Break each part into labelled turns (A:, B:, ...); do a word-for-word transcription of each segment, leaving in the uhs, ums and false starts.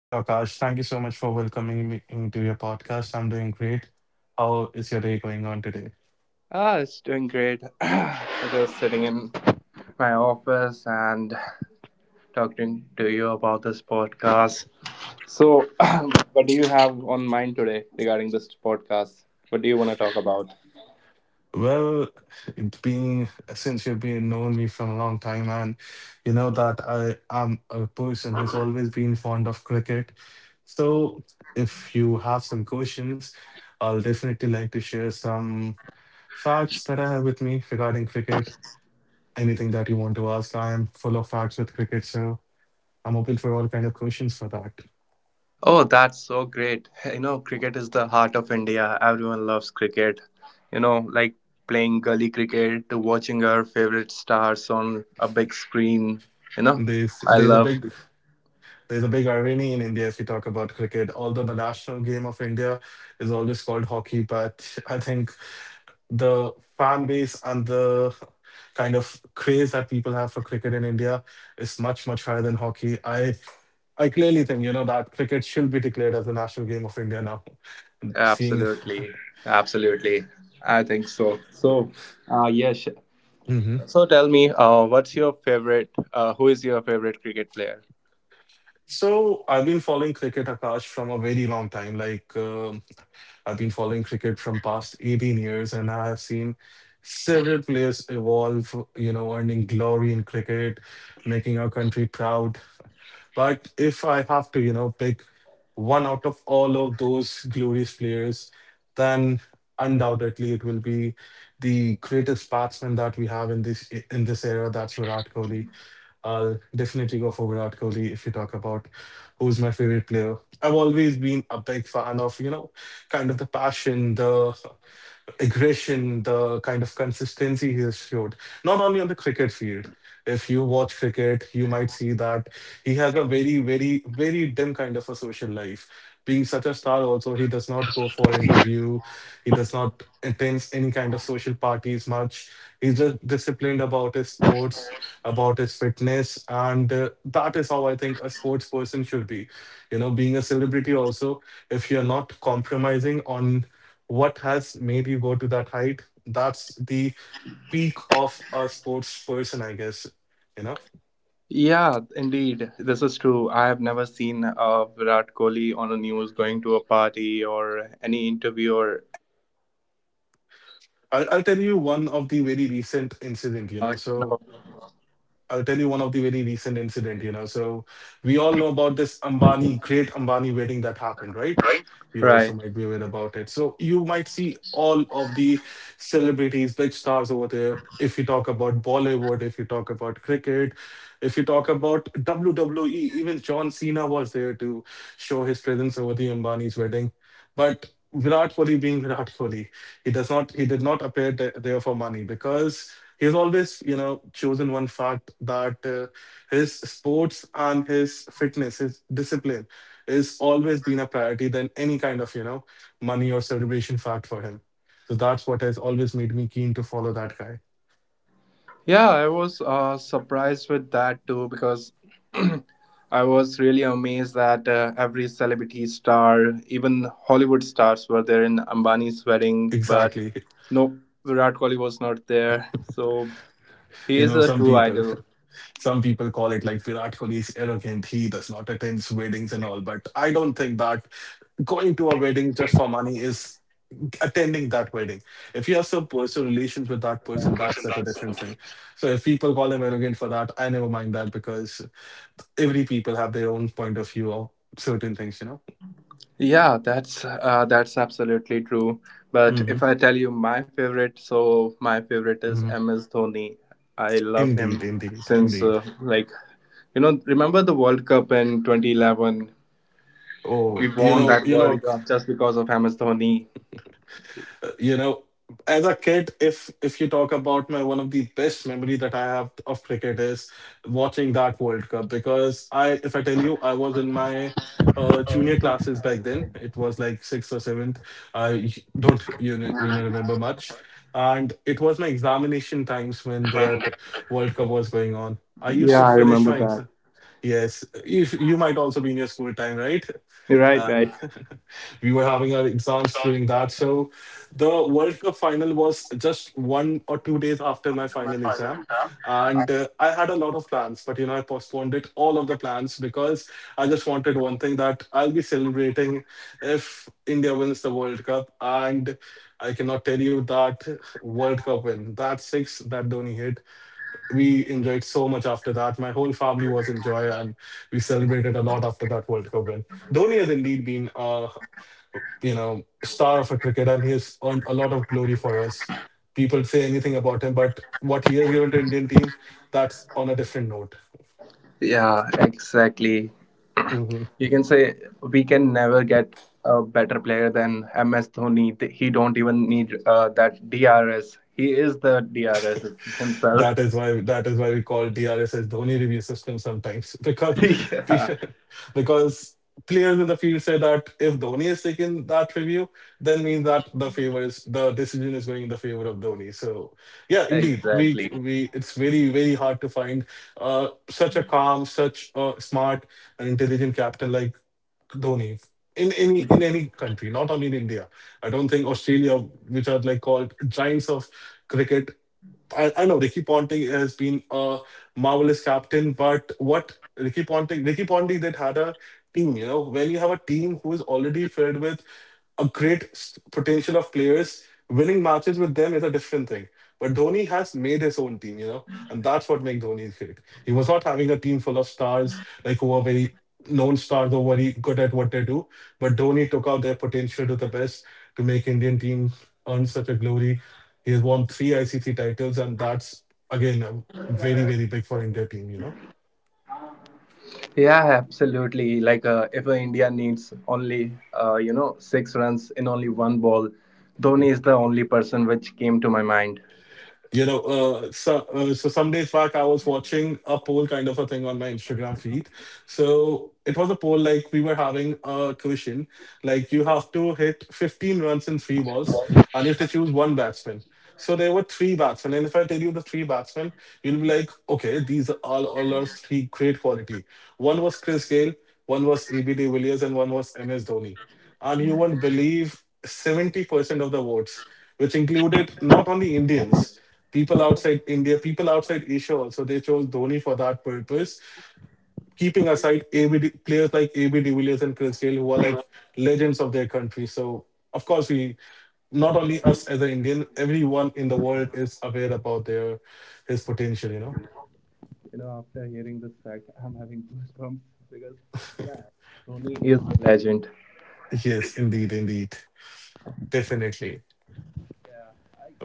A: Hello, Akash. Thank you so much for welcoming me into your podcast. I'm doing great. How is your day going on today?
B: Ah, it's doing great. I was sitting in my office and talking to you about this podcast. So, what do you have on mind today regarding this podcast? What do you want to talk about?
A: Well, being since you've been knowing me from a long time, and you know that I am a person who's always been fond of cricket. So, if you have some questions, I'll definitely like to share some facts that I have with me regarding cricket. Anything that you want to ask, I am full of facts with cricket, so I'm open for all kind of questions for that.
B: Oh, that's so great. You know, cricket is the heart of India. Everyone loves cricket. You know, like playing gully cricket to watching our favorite stars on a big screen. You know,
A: There's
B: I
A: there's a
B: love
A: big There's a big irony in India if you talk about cricket. Although the national game of India is always called hockey, but I think the fan base and the kind of craze that people have for cricket in India is much, much higher than hockey. I I clearly think, you know, that cricket should be declared as the national game of India now. Seeing.
B: Absolutely, absolutely. I think so. So, uh, yes.
A: Mhm.
B: So tell me, uh, what's your favorite? Uh, who is your favorite cricket player?
A: So I've been following cricket, Akash, from a very long time. Like uh, I've been following cricket from past eighteen years, and I have seen several players evolve, you know, earning glory in cricket, making our country proud. But if I have to, you know, pick one out of all of those glorious players, then undoubtedly it will be the greatest batsman that we have in this in this era. That's Virat Kohli. I'll definitely go for Virat Kohli if you talk about who's my favorite player. I've always been a big fan of, you know, kind of the passion, the aggression, the kind of consistency he has showed, not only on the cricket field. If you watch cricket, you might see that he has a very, very, very dim kind of a social life. Being such a star, also, he does not go for interview. He does not attend any kind of social parties much. He's just disciplined about his sports, about his fitness, and uh, that is how I think a sports person should be. You know, being a celebrity also, if you're not compromising on what has made you go to that height, that's the peak of a sports person, I guess, you know.
B: Yeah, indeed, this is true. I have never seen uh, Virat Kohli on the news going to a party or any interview or
A: i'll, I'll tell you one of the very recent incident you know so
B: No.
A: I'll tell you one of the very recent incident, you know. So We all know about this Ambani, great Ambani wedding that happened, right? You also
B: Right.
A: might be aware about it. So you might see all of the celebrities, big stars over there. If you talk about Bollywood, if you talk about cricket, if you talk about W W E, even John Cena was there to show his presence over the Ambani's wedding. But Virat Kohli being Virat Kohli, he does not he did not appear th- there for money, because he's always, you know, chosen one fact that uh, his sports and his fitness, his discipline is always been a priority than any kind of, you know, money or celebration fact for him. So that's what has always made me keen to follow that guy.
B: Yeah, I was uh, surprised with that too because I was really amazed that uh, every celebrity star, even Hollywood stars, were there in Ambani's wedding, but
A: Exactly.
B: no, Virat Kohli was not there. So he
A: You
B: is
A: know,
B: a
A: some
B: true
A: people,
B: idol.
A: some people call it like Virat Kohli is arrogant, he does not attend weddings and all. But I don't think that going to a wedding just for money is attending that wedding. If you have some personal relations with that person, that's at a different thing. So if people call him arrogant for that, I never mind that, because every people have their own point of view of certain things, you know.
B: Yeah, that's uh, that's absolutely true. But if
A: Hmm.
B: I tell you my favorite, so my favorite is
A: Hmm.
B: M S Dhoni. I loved him
A: Indeed, indeed,
B: since
A: indeed.
B: uh, like you know remember the World Cup in twenty eleven? We
A: Oh, you
B: won
A: know,
B: that
A: you
B: World
A: know.
B: Cup just because of M S Dhoni.
A: You know, as a kid, if if you talk about my one of the best memory that I have of cricket is watching that World Cup. Because I if I tell you, I was in my uh, junior classes back then, it was like sixth or seventh. I don't you know, You know, remember much. And it was my examination times when the World Cup was going on. I used
B: Yeah,
A: to
B: I
A: finish
B: remember
A: my
B: that.
A: exam. Yes, you, you might also be in your school time, right?
B: You're right,
A: And
B: right.
A: we were having our exams during that. So the World Cup final was just one or two days after my final exam. And uh, I had a lot of plans, but you know, I postponed it, all of the plans, because I just wanted one thing, that I'll be celebrating if India wins the World Cup. And I cannot tell you that World Cup win, that six that Dhoni hit, we enjoyed so much after that. My whole family was in joy, and we celebrated a lot after that World Cup win. Dhoni has indeed been, uh, you know, star of a cricket, and he has earned a lot of glory for us. People say anything about him, but what he has given to Indian team, that's on a different note.
B: Yeah, exactly.
A: Mhm.
B: You can say we can never get a better player than M S Dhoni. Th- He don't even need uh, that D R S. He is the D R S himself.
A: That is why that is why we call D R S as Dhoni review system sometimes, because we,
B: Yeah,
A: because players in the field say that if Dhoni is taking that review, then means that the favor is the decision is going in the favor of Dhoni. So yeah, indeed, we
B: exactly.
A: we it's very very hard to find uh, such a calm, such a smart and intelligent captain like Dhoni. In any in any country, not only in India. I don't think Australia, which are like called giants of cricket, I, I know Ricky Ponting has been a marvelous captain. But what Ricky Ponting, Ricky Ponting that had a team, you know, when you have a team who is already filled with a great s- potential of players. Winning matches with them is a different thing. But Dhoni has made his own team, you know, and that's what makes Dhoni great. He was not having a team full of stars, like who are very known stars, who are very good at what they do. But Dhoni took out their potential to the best, to make Indian team earn such a glory. He has won three I C C titles, and that's again um, very, very big for India team, you know.
B: Yeah, absolutely. Like uh, if uh, India needs only uh, you know six runs in only one ball, Dhoni is the only person which came to my mind.
A: You know, uh, so uh, so some days back I was watching a poll kind of a thing on my Instagram feed. So it was a poll like we were having a question, like you have to hit fifteen runs in three balls, and you have to choose one batsman. So there were three batsmen, and if I tell you the three batsmen, you'll be like, okay, these are all, all are three great quality. One was Chris Gale, one was A B de Villiers, and one was M S Dhoni. And you won't believe seventy percent of the votes, which included not only Indians. People outside India, people outside Asia also, they chose Dhoni for that purpose, keeping aside A B, de- players like A B de Villiers and Chris Gayle, who are like legends of their country. So, of course, we not only us as an Indian, everyone in the world is aware about their his potential, you know?
B: You know, after hearing this fact, I'm having goosebumps because yeah, Dhoni is a legend.
A: Yes, indeed, indeed. Definitely.
B: Yeah, I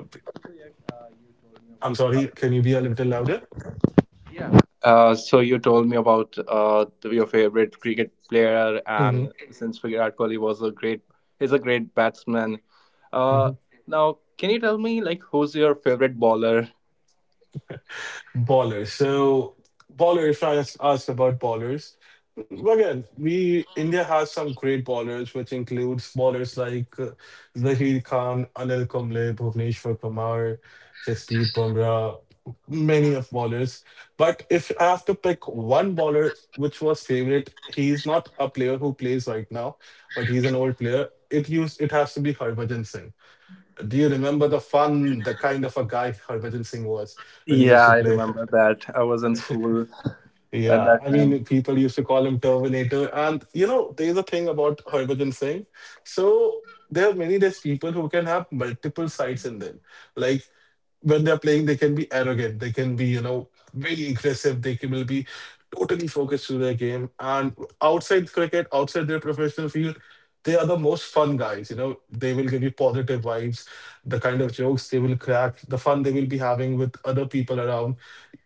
B: so yes, uh, you told me
A: I'm sorry,
B: about.
A: can
B: The
A: you be a little louder?
B: Uh, so you told me about uh, the- your favorite cricket player, and
A: Mm-hmm.
B: since Virat Kohli was a great, is a great batsman. Uh, now, can you tell me like who's your favorite bowler?
A: Ballers. So, baller. If I ask, ask about ballers, again, we India has some great ballers, which includes ballers like uh, Zaheer Khan, Anil Kumble, Bhuvneshwar Kumar, Jasprit Bumrah, many of ballers. But if I have to pick one baller which was favorite, he's not a player who plays right now, but he's an old player. It used it has to be Harbhajan Singh. Do you remember the fun, the kind of a guy Harbhajan Singh was when he used
B: Yeah,
A: to
B: I
A: play?
B: remember that. I was in school at
A: Yeah,
B: that
A: I
B: time.
A: mean, people used to call him Terminator. And, you know, there's a thing about Harbhajan Singh. So there are many less people who can have multiple sides in them. Like when they're playing, they can be arrogant, they can be, you know, very aggressive, they can will be totally focused to their game. And outside cricket, outside their professional field, they are the most fun guys. You know, they will give you positive vibes, the kind of jokes they will crack, the fun they will be having with other people around.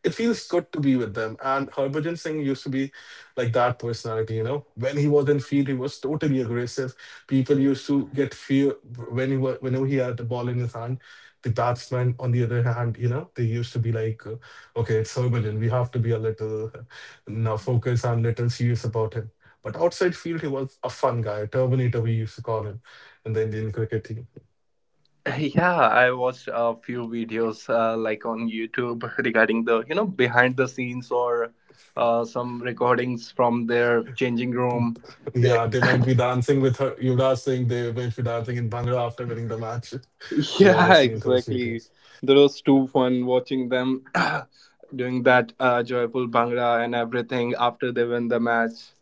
A: It feels good to be with them. And Harbhajan Singh used to be like that personality, you know. When he was in field, he was totally aggressive. People used to get fear when he was, whenever he had the ball in his hand. The batsman, on the other hand, you know, they used to be like, uh, okay, it's Harbhajan. We have to be a little uh, now focus and little serious about him. But outside field, he was a fun guy, Terminator, we used to call him in the Indian cricket team.
B: Yeah, I watched a few videos uh, like on YouTube regarding the you know behind the scenes or uh, some recordings from their changing room. They
A: Yeah, they might be dancing with her. Yuvraj Singh, they might be dancing in Bhangra after winning the match. We all have
B: Yeah,
A: seen those
B: exactly.
A: videos.
B: That was too fun watching them doing that uh, joyful bhangra and everything after they win the match.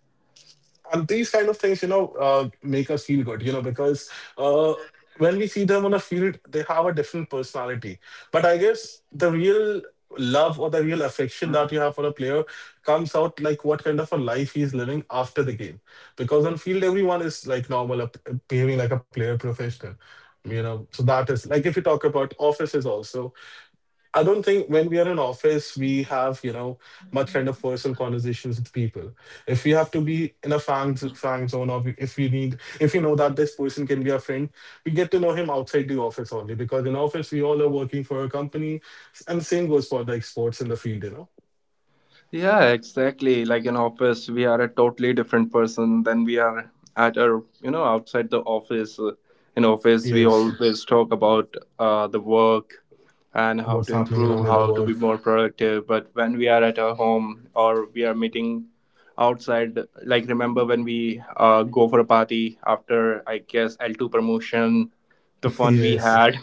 A: And these kind of things, you know, uh, make us feel good, you know, because uh, when we see them on a field, they have a different personality. But I guess the real love or the real affection that you have for a player comes out like what kind of a life he's living after the game. Because on field, everyone is like normal, uh, behaving like a player professional. You know, so that is like if you talk about offices also, I don't think when we are in office, we have, you know, much kind of personal conversations with people. If we have to be in a fang, fang zone, or if we need, if you know that this person can be a friend, we get to know him outside the office only because in office, we all are working for a company. And same goes for like sports in the field, you know?
B: Yeah, exactly. Like in office, we are a totally different person than we are at our, you know, outside the office. In office, we
A: Yes.
B: always talk about uh, the work and how
A: What's
B: to
A: happening
B: improve,
A: around in the
B: how to be
A: world?
B: more productive. But when we are at our home or we are meeting outside, like remember when we uh, go for a party after, I guess, L two promotion, the fun we
A: Yes.
B: had.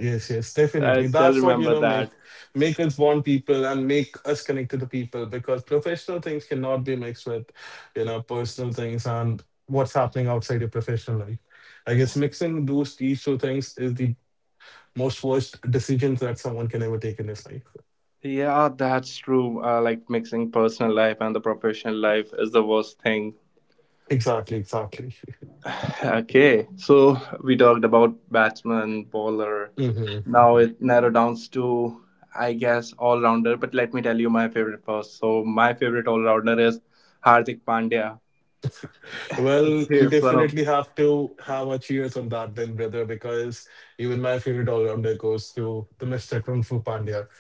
A: Yes, yes,
B: I
A: definitely.
B: still
A: That's what, you
B: remember
A: know,
B: that.
A: make make us want people and make us connect to the people because professional things cannot be mixed with, you know, personal things and what's happening outside your professional life. I guess mixing those these two things is the most worst decisions that someone can ever take in his life.
B: Yeah, that's true. Uh, like mixing personal life and the professional life is the worst thing.
A: Exactly, exactly.
B: Okay, so we talked about batsman, bowler.
A: Hmm.
B: Now it narrowed down to, I guess, all rounder. But let me tell you my favorite first. So my favorite all rounder is Hardik Pandya.
A: Well, we
B: He's one of
A: definitely have to have a cheers on that then, brother, because even my favorite all-rounder goes to the mister Kung Fu Pandya.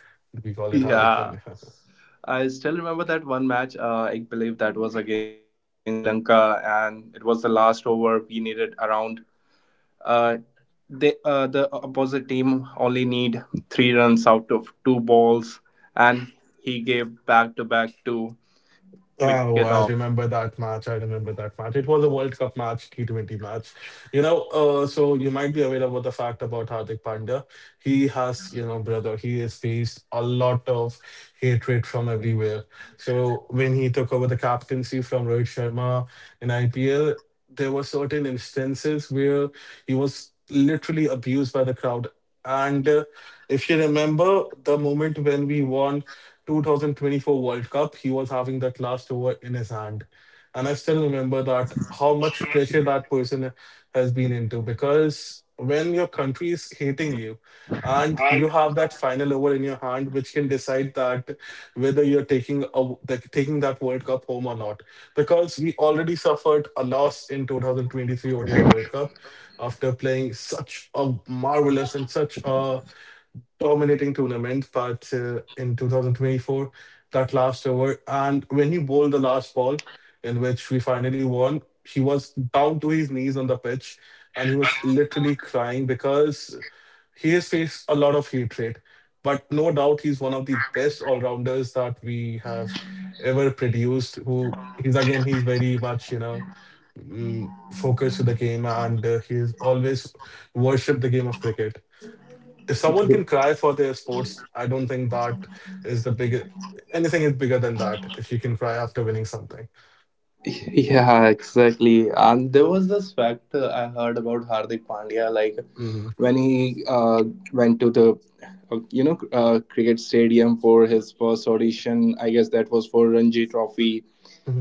A: We call it Hardik
B: Yeah.
A: Pandya.
B: I still remember that one match. Uh, I believe that was against uh, Sri Lanka, and it was the last over. We needed around Uh, they, uh, The opposite team only need three runs out of two balls, and he gave back to back two wicket
A: Oh, I
B: off.
A: remember that match. I remember that match. It was a World Cup match, T twenty match. You know, uh, so you might be aware about the fact about Hardik Pandya. He has, you know, brother, he has faced a lot of hatred from everywhere. So when he took over the captaincy from Rohit Sharma in I P L, there were certain instances where he was literally abused by the crowd. And uh, if you remember the moment when we won twenty twenty-four World Cup, he was having that last over in his hand. And I still remember that how much pressure that person has been into, because when your country is hating you and you have that final over in your hand, which can decide that whether you're taking a, like, taking that World Cup home or not. Because we already suffered a loss in twenty twenty-three O D I World Cup after playing such a marvelous and such a dominating tournament, but uh, in two thousand twenty-four, that last over, and when he bowled the last ball, in which we finally won, he was down to his knees on the pitch, and he was literally crying because he has faced a lot of hatred. But no doubt, he's one of the best all rounders that we have ever produced. Who he's again, he's very much, you know, mm, focused to the game, and uh, he's always worshipped the game of cricket. If someone can cry for their sports, I don't think that is the big anything is bigger than that. If you can cry after winning something.
B: Yeah, exactly. And there was this fact uh, I heard about Hardik Pandya, like
A: Hmm.
B: when he uh, went to the uh, you know uh, cricket stadium for his first audition. I guess that was for Ranji Trophy.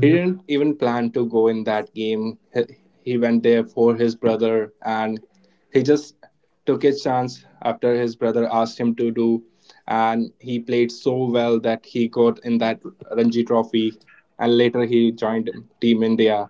B: He didn't even plan to go in that game. He he went there for his brother and he just took his chance after his brother asked him to do, and he played so well that he got in that Ranji Trophy and later he joined team India.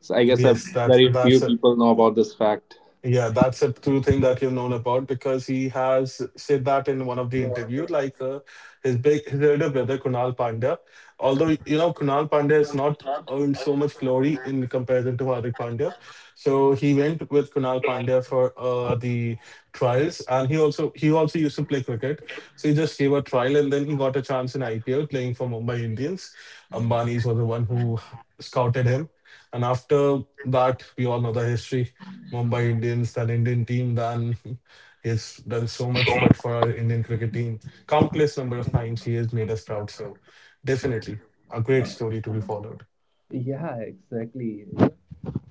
B: So I guess a
A: yes, that
B: very few
A: that's it.
B: people know about this fact.
A: Yeah, that's a true thing that you've known about, because he has said that in one of the interview. Like uh, his big, his elder brother Kunal Pandya, although you know Kunal Pandya has not earned so much glory in comparison to Hardik Pandya, so he went with Kunal Pandya for uh, the trials, and he also he also used to play cricket. So he just gave a trial, and then he got a chance in I P L playing for Mumbai Indians. Ambani's was the one who scouted him, and after that, we all know the history. Mumbai Indians, that Indian team, then he has done so much good for our Indian cricket team. Countless number of times he has made us proud. So definitely a great story to be followed.
B: Yeah, exactly.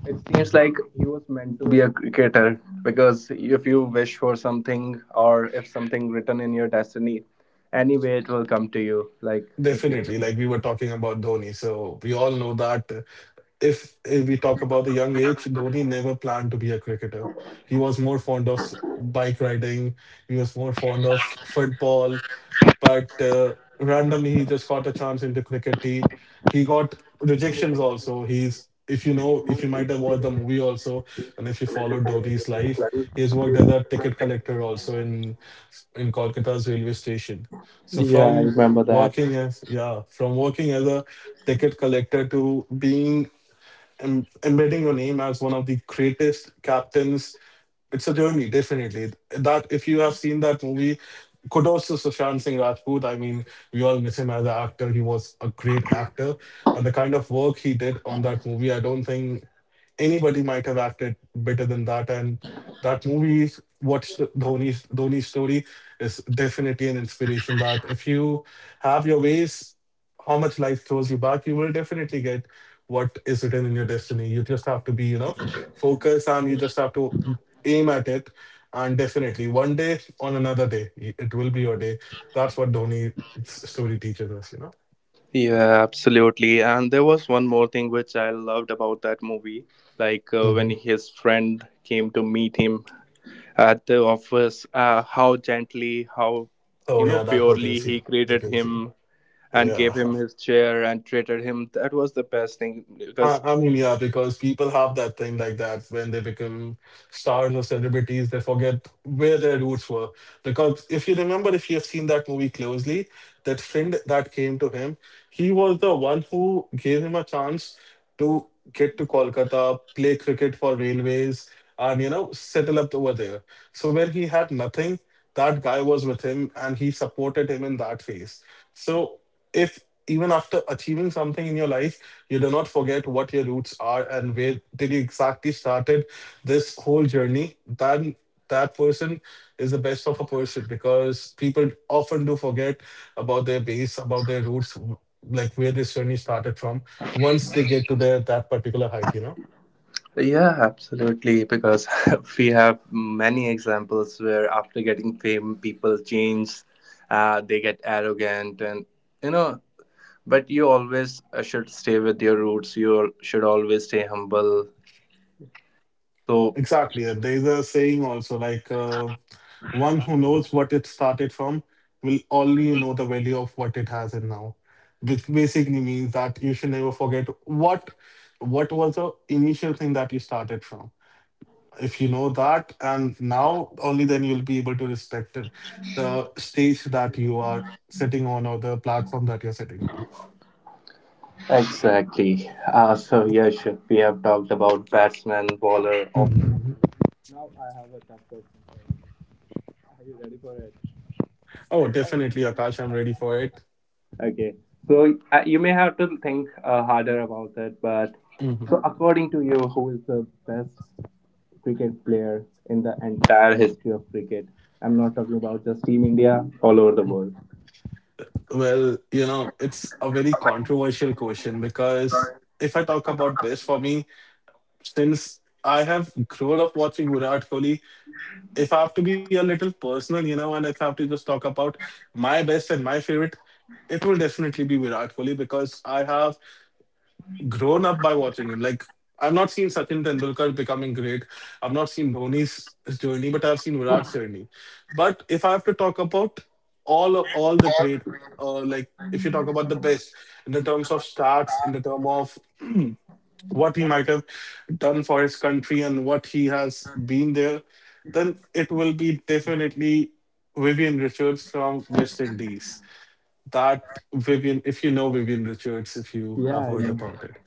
B: It seems
A: Mhm.
B: like he was meant to be a cricketer because if you wish for something or if something written in your destiny, anyway it will come to you. Like if you
A: Definitely, like we were talking about Dhoni, so we all know that uh, if, if we talk about the young age, Dhoni never planned to be a cricketer. He was more fond of s- bike riding. He was more fond of football. but uh, randomly he just got a chance in the cricket team. He got rejections also. He's if you know, if you might have watched the movie also, and if you followed Dodi's life, he has worked as a ticket collector also in in Kolkata's railway station. So
B: Yeah, I
A: from
B: remember that.
A: working as yeah, from working as a ticket collector to being em- embedding your name as one of the greatest captains, it's a journey, definitely. That if you have seen that movie, kudos to Sushant Singh Rajput. I mean, we all miss him as an actor. He was a great actor, and the kind of work he did on that movie, I don't think anybody might have acted better than that. And that movie, what's the- Dhoni's Dhoni's story, is definitely an inspiration. That if you have your ways, how much life throws you back, you will definitely get what is written in your destiny. You just have to be, you know, focused, and you just have to aim at it, and definitely one day on another day y- it will be your day. That's what Dhoni's story teaches us, you know.
B: Yeah, absolutely. And there was one more thing which I loved about that movie. Like uh,
A: Hmm.
B: when his friend came to meet him at the office, uh, how gently, how,
A: Oh
B: you know,
A: yeah, that hotel
B: purely he
A: scene.
B: greeted
A: Hotel scene.
B: him and
A: Yeah.
B: gave him his chair and treated him. That was the best thing
A: I,
B: because
A: I mean, yeah, because people have that thing like that when they become stars or celebrities, they forget where their roots were. Because if you remember, if you have seen that movie closely, that friend that came to him, he was the one who gave him a chance to get to Kolkata, play cricket for railways, and you know, settle up over there. So when he had nothing, that guy was with him and he supported him in that phase. So if even after achieving something in your life, you do not forget what your roots are and where did you exactly started this whole journey. Then that person is the best of a person, because people often do forget about their base, about their roots, like where this journey started from once they get to their that particular height, you know.
B: yeah, absolutely. Because we have many examples where after getting fame, people change, uh, they get arrogant, and you know, but you always uh, should stay with your roots. You al- should always stay humble. So,
A: Exactly. Uh, There's a saying also like uh, one who knows what it started from will only know the value of what it has in now, which basically means that you should never forget what what was the initial thing that you started from. If you know that, and now only then you'll be able to respect it, the stage that you are sitting on or the platform that you're sitting on.
B: exactly. Uh, so, yeah, sure. we have talked about batsman, bowler. Off-
A: Mhm.
B: now, I have a tough question for you. Are you ready for it?
A: Oh, definitely, Akash. I'm ready for it.
B: Okay. So uh, you may have to think uh, harder about it, but
A: Mhm.
B: so according to you, who is the best cricket player in the entire history of cricket? I'm not talking about just Team India, all over the world.
A: Well, you know, it's a very controversial question because if I talk about best for me, since I have grown up watching Virat Kohli, if I have to be a little personal, you know, and if I have to just talk about my best and my favorite, it will definitely be Virat Kohli because I have grown up by watching him. Like I've not seen Sachin Tendulkar becoming great. I've not seen Dhoni's journey, but I've seen Virat's journey. But if I have to talk about all all the great, uh, like if you talk about the best in the terms of stats, in the term of what he might have done for his country and what he has been there, then it will be definitely Vivian Richards from West Indies. That Vivian, if you know Vivian Richards, if you have
B: Yeah, I
A: heard
B: know.
A: about it,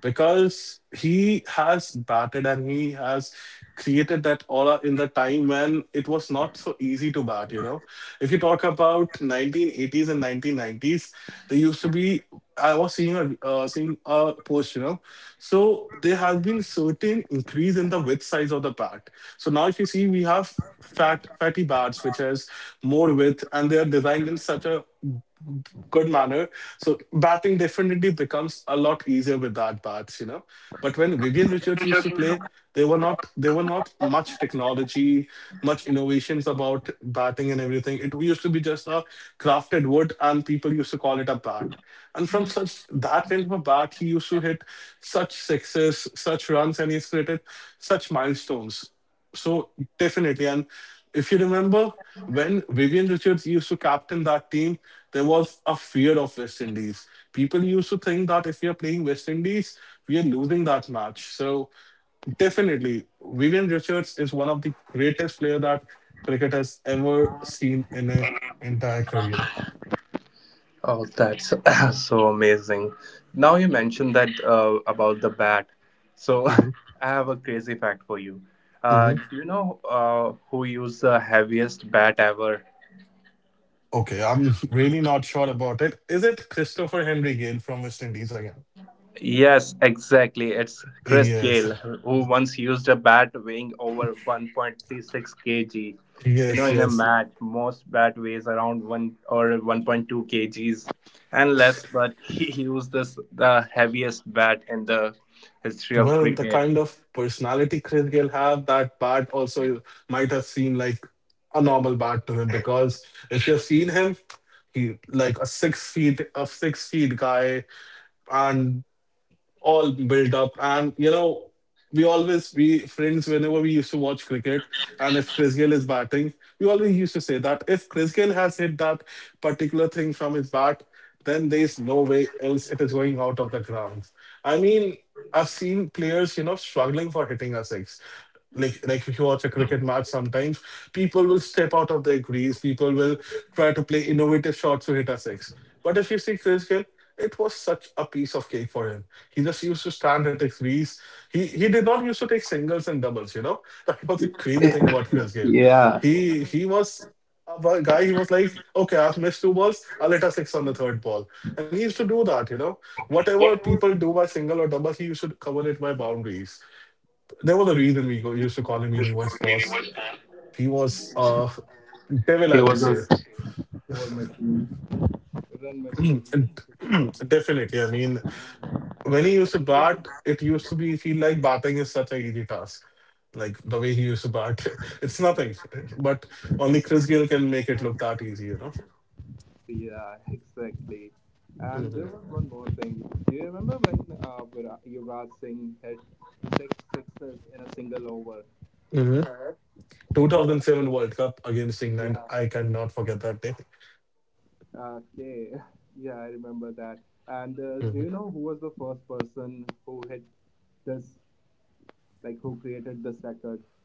A: because he has batted and he has created that aura in the time when it was not so easy to bat, you know. If you talk about nineteen eighties and nineteen nineties, there used to be, i was seeing a uh, seeing a post, you know. So there has been certain increase in the width size of the bat. So now if you see, we have fat fatty bars which has more width and they are designed in such a good manner. So batting definitely becomes a lot easier with that bats, you know. But when Vivian Richards used to play, they were not, there were not much technology, much innovations about batting and everything. It used to be just a crafted wood and people used to call it a bat. And from such that kind of a bat, he used to hit such sixes, such runs, and he's created such milestones. So definitely, and if you remember when Vivian Richards used to captain that team, there was a fear of West Indies. People used to think that if we are playing West Indies, we are losing that match. So definitely, Vivian Richards is one of the greatest player that cricket has ever seen in a entire career.
B: Oh, that's so amazing. Now you mentioned that uh, about the bat. So I
A: Hmm.
B: have a crazy fact for you. Uh,
A: Hmm.
B: do you know uh, who used the heaviest bat ever?
A: Okay, I'm really not sure about it. Is it Christopher Henry Gale from West Indies again?
B: Yes, exactly. It's Chris
A: Yes,
B: Gale, who once used a bat weighing over one point three six kg. You know,
A: yes,
B: in a
A: yes.
B: match, most bat weighs around one or one point two kgs and less, but he used this the heaviest bat in the history of
A: Well, the
B: cricket.
A: kind of personality Chris Gayle have, that Bart also might have seemed like a normal Bart to him because if you've seen him, he like a six feet a six feet guy, and all built up. And you know, we always we friends whenever we used to watch cricket, and if Chris Gayle is batting, we always used to say that if Chris Gayle has hit that particular thing from his bat, then there's no way else it is going out of the ground. I mean, I've seen players, you know, struggling for hitting a six. Like, like if you watch a cricket match, sometimes people will step out of their crease. People will try to play innovative shots to hit a six. But if you see Chris Hill, it was such a piece of cake for him. He just used to stand at his crease. He he did not used to take singles and doubles. You know that was the crazy thing about Chris Hill.
B: Yeah,
A: He he was a guy. He was like, okay, I've missed two balls. I'll hit a six on the third ball, and he used to do that. You know, whatever people do by single or double, he used to cover it by boundaries. There was a reason we go- used to call him Universe Boss. He was a
B: he
A: devil, I would
B: was
A: say.
B: a score machine, run machine.
A: Definitely. I mean, when he used to bat, it used to be feel like batting is such an easy task. Like the way he used to bat, it's nothing. But only Chris Gayle can make it look that easy, you know.
B: Yeah, exactly. And there
A: hmm
B: was one more thing. Do you remember when uh, Vira- Yuvraj Singh hit six sixes in a single over?
A: hmm two thousand seven World Cup against England. I cannot forget that day.
B: Okay, yeah, I remember that. And uh, do
A: Hmm
B: you know who was the first person who hit this, like who created this record?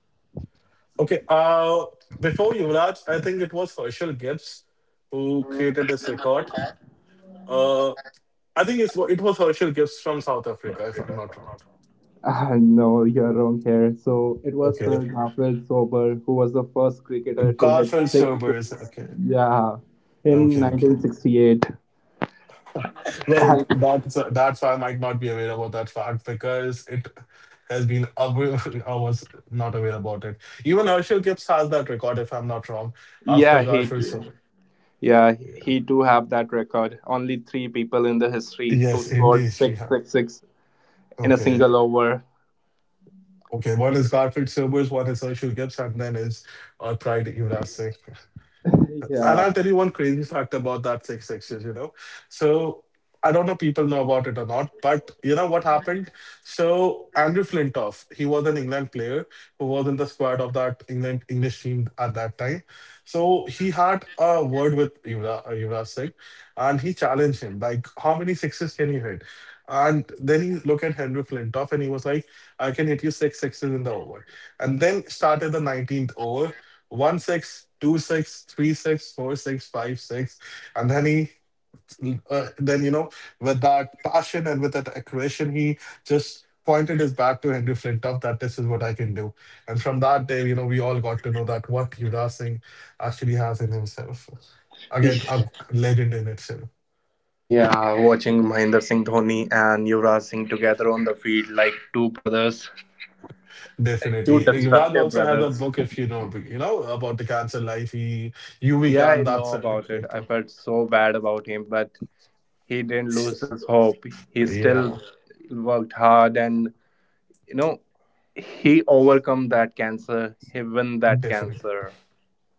A: Okay. Uh, before Yuvraj, I think it was Herschel Gibbs who created this record. Uh, I think it's, it was Herschel Gibbs from South Africa, if I'm not wrong.
B: Uh, no, you're wrong here. So it was
A: Okay.
B: Sir Garfield Sober who was the first cricketer to hit
A: Garfield
B: six
A: Showbiz.
B: sixes.
A: Okay.
B: Yeah, in
A: Okay. Okay.
B: nineteen sixty-eight.
A: Well, that's that's why I might not be aware about that fact because it has been aware. I was not aware about it. Even Herschel Gibbs has that record, if I'm not wrong, after
B: yeah, he
A: Garfield Silver.
B: Yeah,
A: Yeah.
B: he do have that record. Only three people in the history who
A: Yes, in the
B: scored
A: history
B: six
A: have.
B: six six in a
A: Okay.
B: single over.
A: Okay. One is Garfield Silver's, one is Herschel Gibbs, and then is uh, Pride Jurassic. And
B: Yeah.
A: I'll tell you one crazy fact about that six sixes, you know. So I don't know people know about it or not, but you know what happened? So Andrew Flintoff, he was an England player who was in the squad of that England English team at that time. So he had a word with Yuvraj, uh, Yuvraj Singh and he challenged him, like, how many sixes can you hit? And then he looked at Henry Flintoff and he was like, I can hit you six sixes in the over. And then started the nineteenth over one six, two six, three six, four six, five six, and then he, uh, then you know, with that passion and with that aggression, he just pointed his bat to Henry Flintoff that this is what I can do. And from that day, you know, we all got to know that what Yuvraj Singh actually has in himself. Again, a legend in itself.
B: Yeah, watching Mahendra Singh Dhoni and Yuvraj Singh together on the field like two brothers, two
A: Definitely. Yuvraj
B: destructive
A: also has a
B: brothers.
A: book, if you know, you know about the cancer life. He, you, we
B: Yeah, I
A: can. That's
B: know
A: a
B: about it.
A: great
B: I
A: book.
B: felt so bad about him, but he didn't lose his hope. He still
A: Yeah,
B: worked hard and you know, he overcome that cancer. He won that
A: definitely.
B: cancer.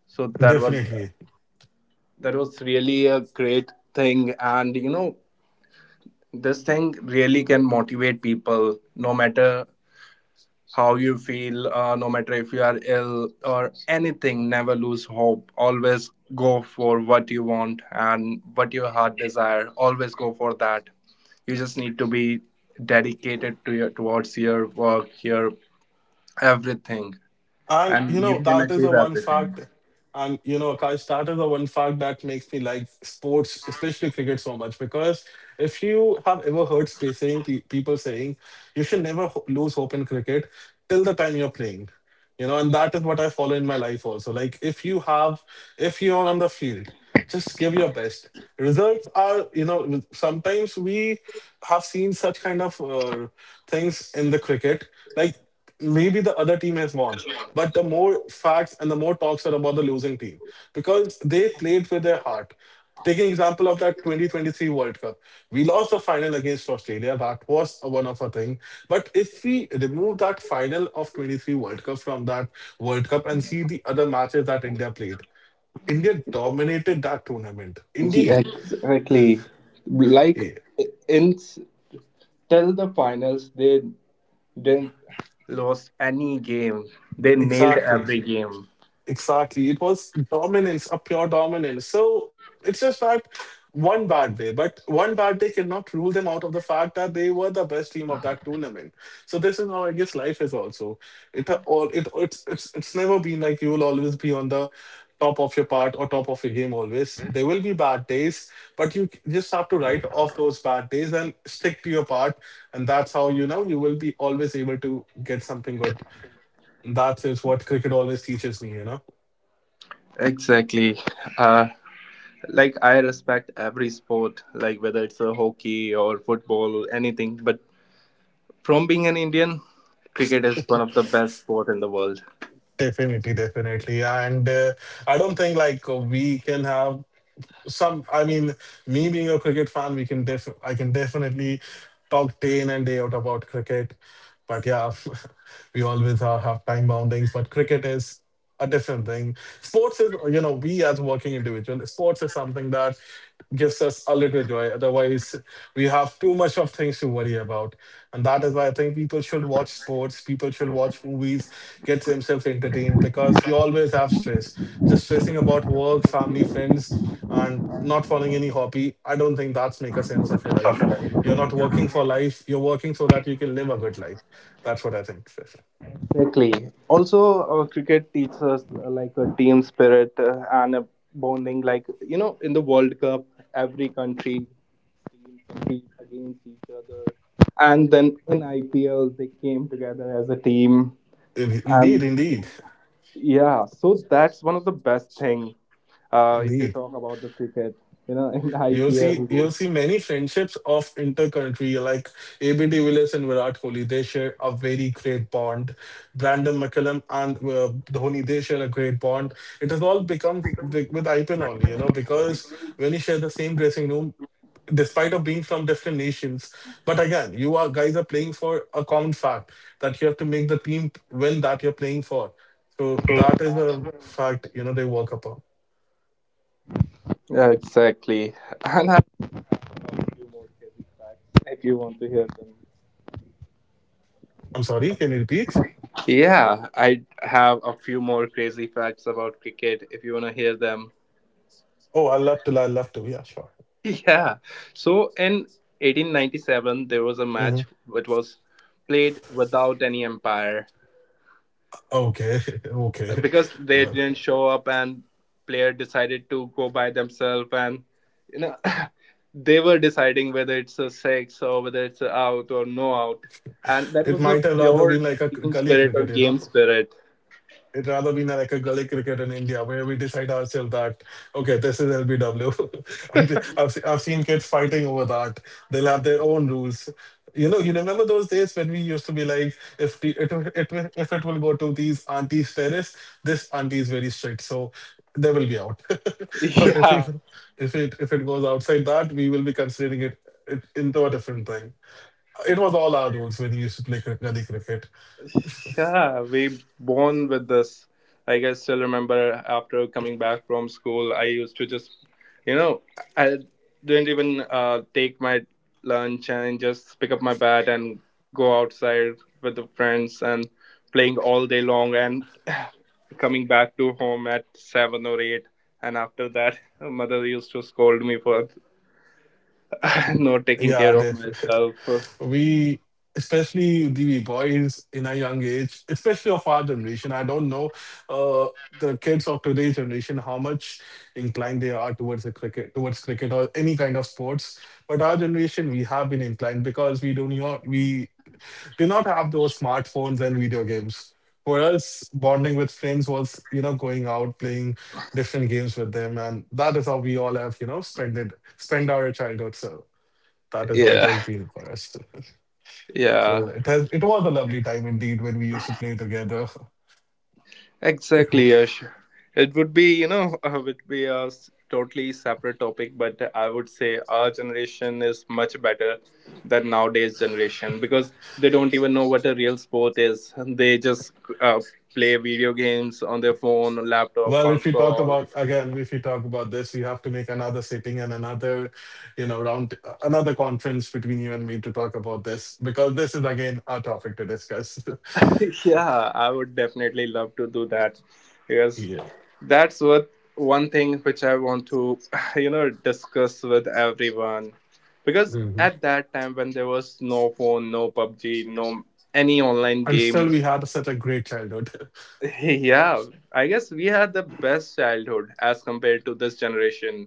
B: So that was
A: Definitely.
B: that was really a great thing and you know this thing really can motivate people no matter how you feel, uh, no matter if you are ill or anything, never lose hope, always go for what you want and what your heart desire, always go for that. You just need to be dedicated to your towards your work, your everything,
A: And you
B: and you
A: know,
B: can.
A: that is a one fact. And you know, Akash, that is a one fact that makes me like sports, especially cricket, so much. Because if you have ever heard sp- saying, pe- people saying, you should never ho- lose hope in cricket till the time you're playing. You know, and that is what I follow in my life also. Like if you have if you're on the field, just give your best. Results are, you know, sometimes we have seen such kind of uh, things in the cricket, like maybe the other team has won, but the more facts and the more talks are about the losing team because they played with their heart. Taking example of that twenty twenty-three World Cup, we lost the final against Australia. That was a one of a thing. But if we remove that final of twenty-three World Cup from that World Cup and see the other matches that India played, India dominated that tournament.
B: Yeah,
A: Indeed,
B: exactly, like
A: yeah,
B: in till the finals they didn't lost any game. They nailed
A: exactly.
B: every game.
A: Exactly. It was dominance, a pure dominance. So it's just that one bad day, but one bad day cannot rule them out of the fact that they were the best team of that tournament. So this is how I guess life is also. It all it it's it's it's never been like you will always be on the top of your part or top of your game always. There will be bad days, but you just have to write off those bad days and stick to your part, and that's how you know you will be always able to get something good. That is what cricket always teaches me, you know.
B: Exactly. Uh, like I respect every sport, like whether it's a hockey or football or anything. But from being an Indian, cricket is one of the best sport in the world.
A: Definitely, definitely. And uh, I don't think like uh, we can have some i mean me being a cricket fan, we can def I can definitely talk day in and day out about cricket, but yeah, we always are, have time boundings, but cricket is a different thing. Sports is, you know, we as working individual, sports is something that gives us a little joy. Otherwise we have too much of things to worry about, and that is why I think people should watch sports, people should watch movies, get themselves entertained because you always have stress, just stressing about work, family, friends, and not following any hobby, I don't think that's make a sense of your life. You're not working for life. You're working so that you can live a good life. That's what I think.
B: Exactly. Also, uh, cricket teaches us uh, like a team spirit uh, and a bonding. Like you know, in the World Cup, every country team compete against each other, and then in I P L they came together as a team.
A: Indeed,
B: And
A: indeed,
B: yeah, so that's one of the best thing. Uh, if you
A: indeed.
B: talk about the cricket, you know, in
A: You'll see, you'll
B: I P L.
A: see many friendships of inter-country like A B de Villiers and Virat Kohli. They share a very great bond. Brandon McCullum and uh, Dhoni, they share a great bond. It has all become big with I P L only, you know, because when you share the same dressing room, despite of being from different nations, but again, you are guys are playing for a common fact that you have to make the team win that you're playing for. So that is a fact, you know, they work upon.
B: Yeah, exactly. And I have a few more crazy facts if you want to hear them.
A: I'm sorry, can you repeat?
B: Yeah, I have a few more crazy facts about cricket if you want to hear them.
A: Oh, I love to. I love to. Yeah, sure.
B: Yeah. So in eighteen ninety-seven, there was a
A: hmm
B: match that was played without any umpire
A: Okay, okay.
B: because they
A: Well,
B: didn't show up and player decided to go by themselves and you know they were deciding whether it's a six or whether it's a out or no out, and that
A: it
B: was a
A: might have rather been
B: pure
A: like a
B: team
A: gully
B: spirit or
A: cricket, you know.
B: game spirit.
A: It rather be like a gully cricket in India where we decide ourselves that, okay, this is L B W. And the- I've, se- I've seen kids fighting over that. They'll have their own rules. You know, you remember those days when we used to be like, if the, it, will- it will- if it will go to these aunties' terrace, this auntie is very strict, so they will be out. But if we,
B: Yeah.
A: if it if it goes outside that, we will be considering it, it into a different thing. It was all our rules when we used to play cr- gully cricket.
B: Yeah, we born with this. Like I still remember after coming back from school, I used to just, you know, I didn't even uh, take my lunch and just pick up my bat and go outside with the friends and playing all day long and coming back to home at seven or eight. And after that, mother used to scold me for not taking care
A: Yeah,
B: of
A: definitely.
B: myself.
A: We, especially the boys in a young age, especially of our generation, I don't know uh, the kids of today's generation how much inclined they are towards the cricket, towards cricket or any kind of sports. But our generation, we have been inclined because we do not we do not have those smartphones and video games. For us, bonding with friends was, you know, going out playing different games with them, and that is how we all have, you know, spent it, spent our childhood. So that is how it
B: Yeah,
A: has been for us.
B: yeah.
A: Well, it has it was a lovely time indeed when we used to play together. It wa-
B: Exactly, Yash. It would be, you know, uh, would be a s- totally separate topic, but I would say our generation is much better than nowadays generation because they don't even know what a real sport is. They just uh, play video games on their phone, laptop,
A: well, if we talk
B: console.
A: about again, if we talk about this, we have to make another sitting and another, you know, round, another conference between you and me to talk about this because this is again our topic to discuss.
B: Yeah, I would definitely love to do that because
A: Yeah,
B: that's what one thing which I want to you know discuss with everyone, because
A: hmm
B: at that time when there was no phone, no PUBG, no any online
A: and
B: game.
A: still we had such a great childhood.
B: Yeah, I guess we had the best childhood as compared to this generation.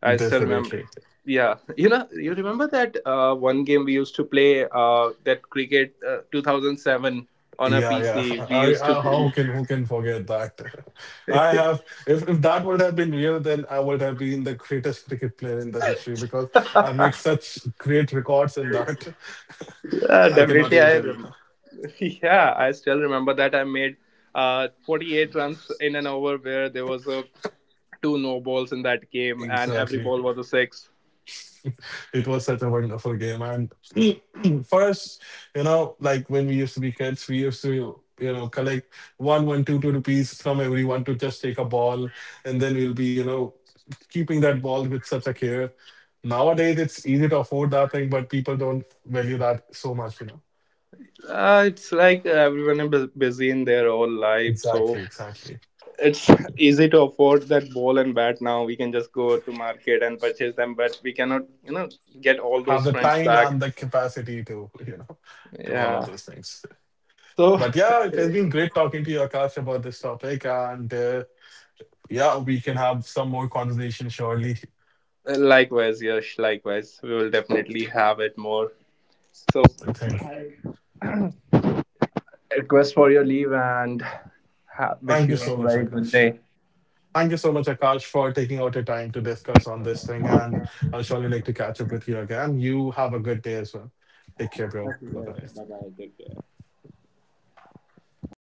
B: I still remember,
A: Definitely.
B: yeah. You know, you remember that uh, one game we used to play, uh, that cricket uh, two thousand seven on a
A: Yeah,
B: PC
A: yeah.
B: we
A: I,
B: used to.
A: I how can who can forget that? I have if if that would have been real, then I would have been the greatest cricket player in the history because I made such great records in that.
B: Uh,
A: I cannot
B: definitely,
A: even
B: I
A: tell you.
B: rem- yeah, I still remember that I made uh forty-eight runs in an over where there was a two no balls in that game and every
A: Exactly.
B: ball was a six.
A: It was such a wonderful game. And for us, you know, like when we used to be kids, we used to, you know, collect one, one, two, two rupees from everyone to just take a ball. And then we'll be, you know, keeping that ball with such a care. Nowadays, it's easy to afford that thing, but people don't value that so much, you know.
B: Uh, it's like everyone is bus- busy in their whole life, so
A: Exactly, exactly.
B: it's easy to afford that ball and bat now. We can just go to market and purchase them, but we cannot, you know, get all those
A: Have the
B: friends
A: time
B: back.
A: and the capacity to, you know, do all of
B: Yeah.
A: those things.
B: So
A: But yeah, it has been great talking to you, Akash, about this topic. And uh, yeah, we can have some more conversation surely,
B: likewise, Yash, likewise, we will definitely have it more. So
A: I think.
B: request for your leave and ha- wish
A: Thank you
B: you a
A: so much,
B: very good
A: Akash.
B: day.
A: Thank you so much, Akash, for taking out your time to discuss on this thing. And I'll surely like to catch up with you again. You have a good day as well. Take care, bro.
B: Okay,
A: Bye
B: yes.
A: bye.
B: Bye bye. Take care.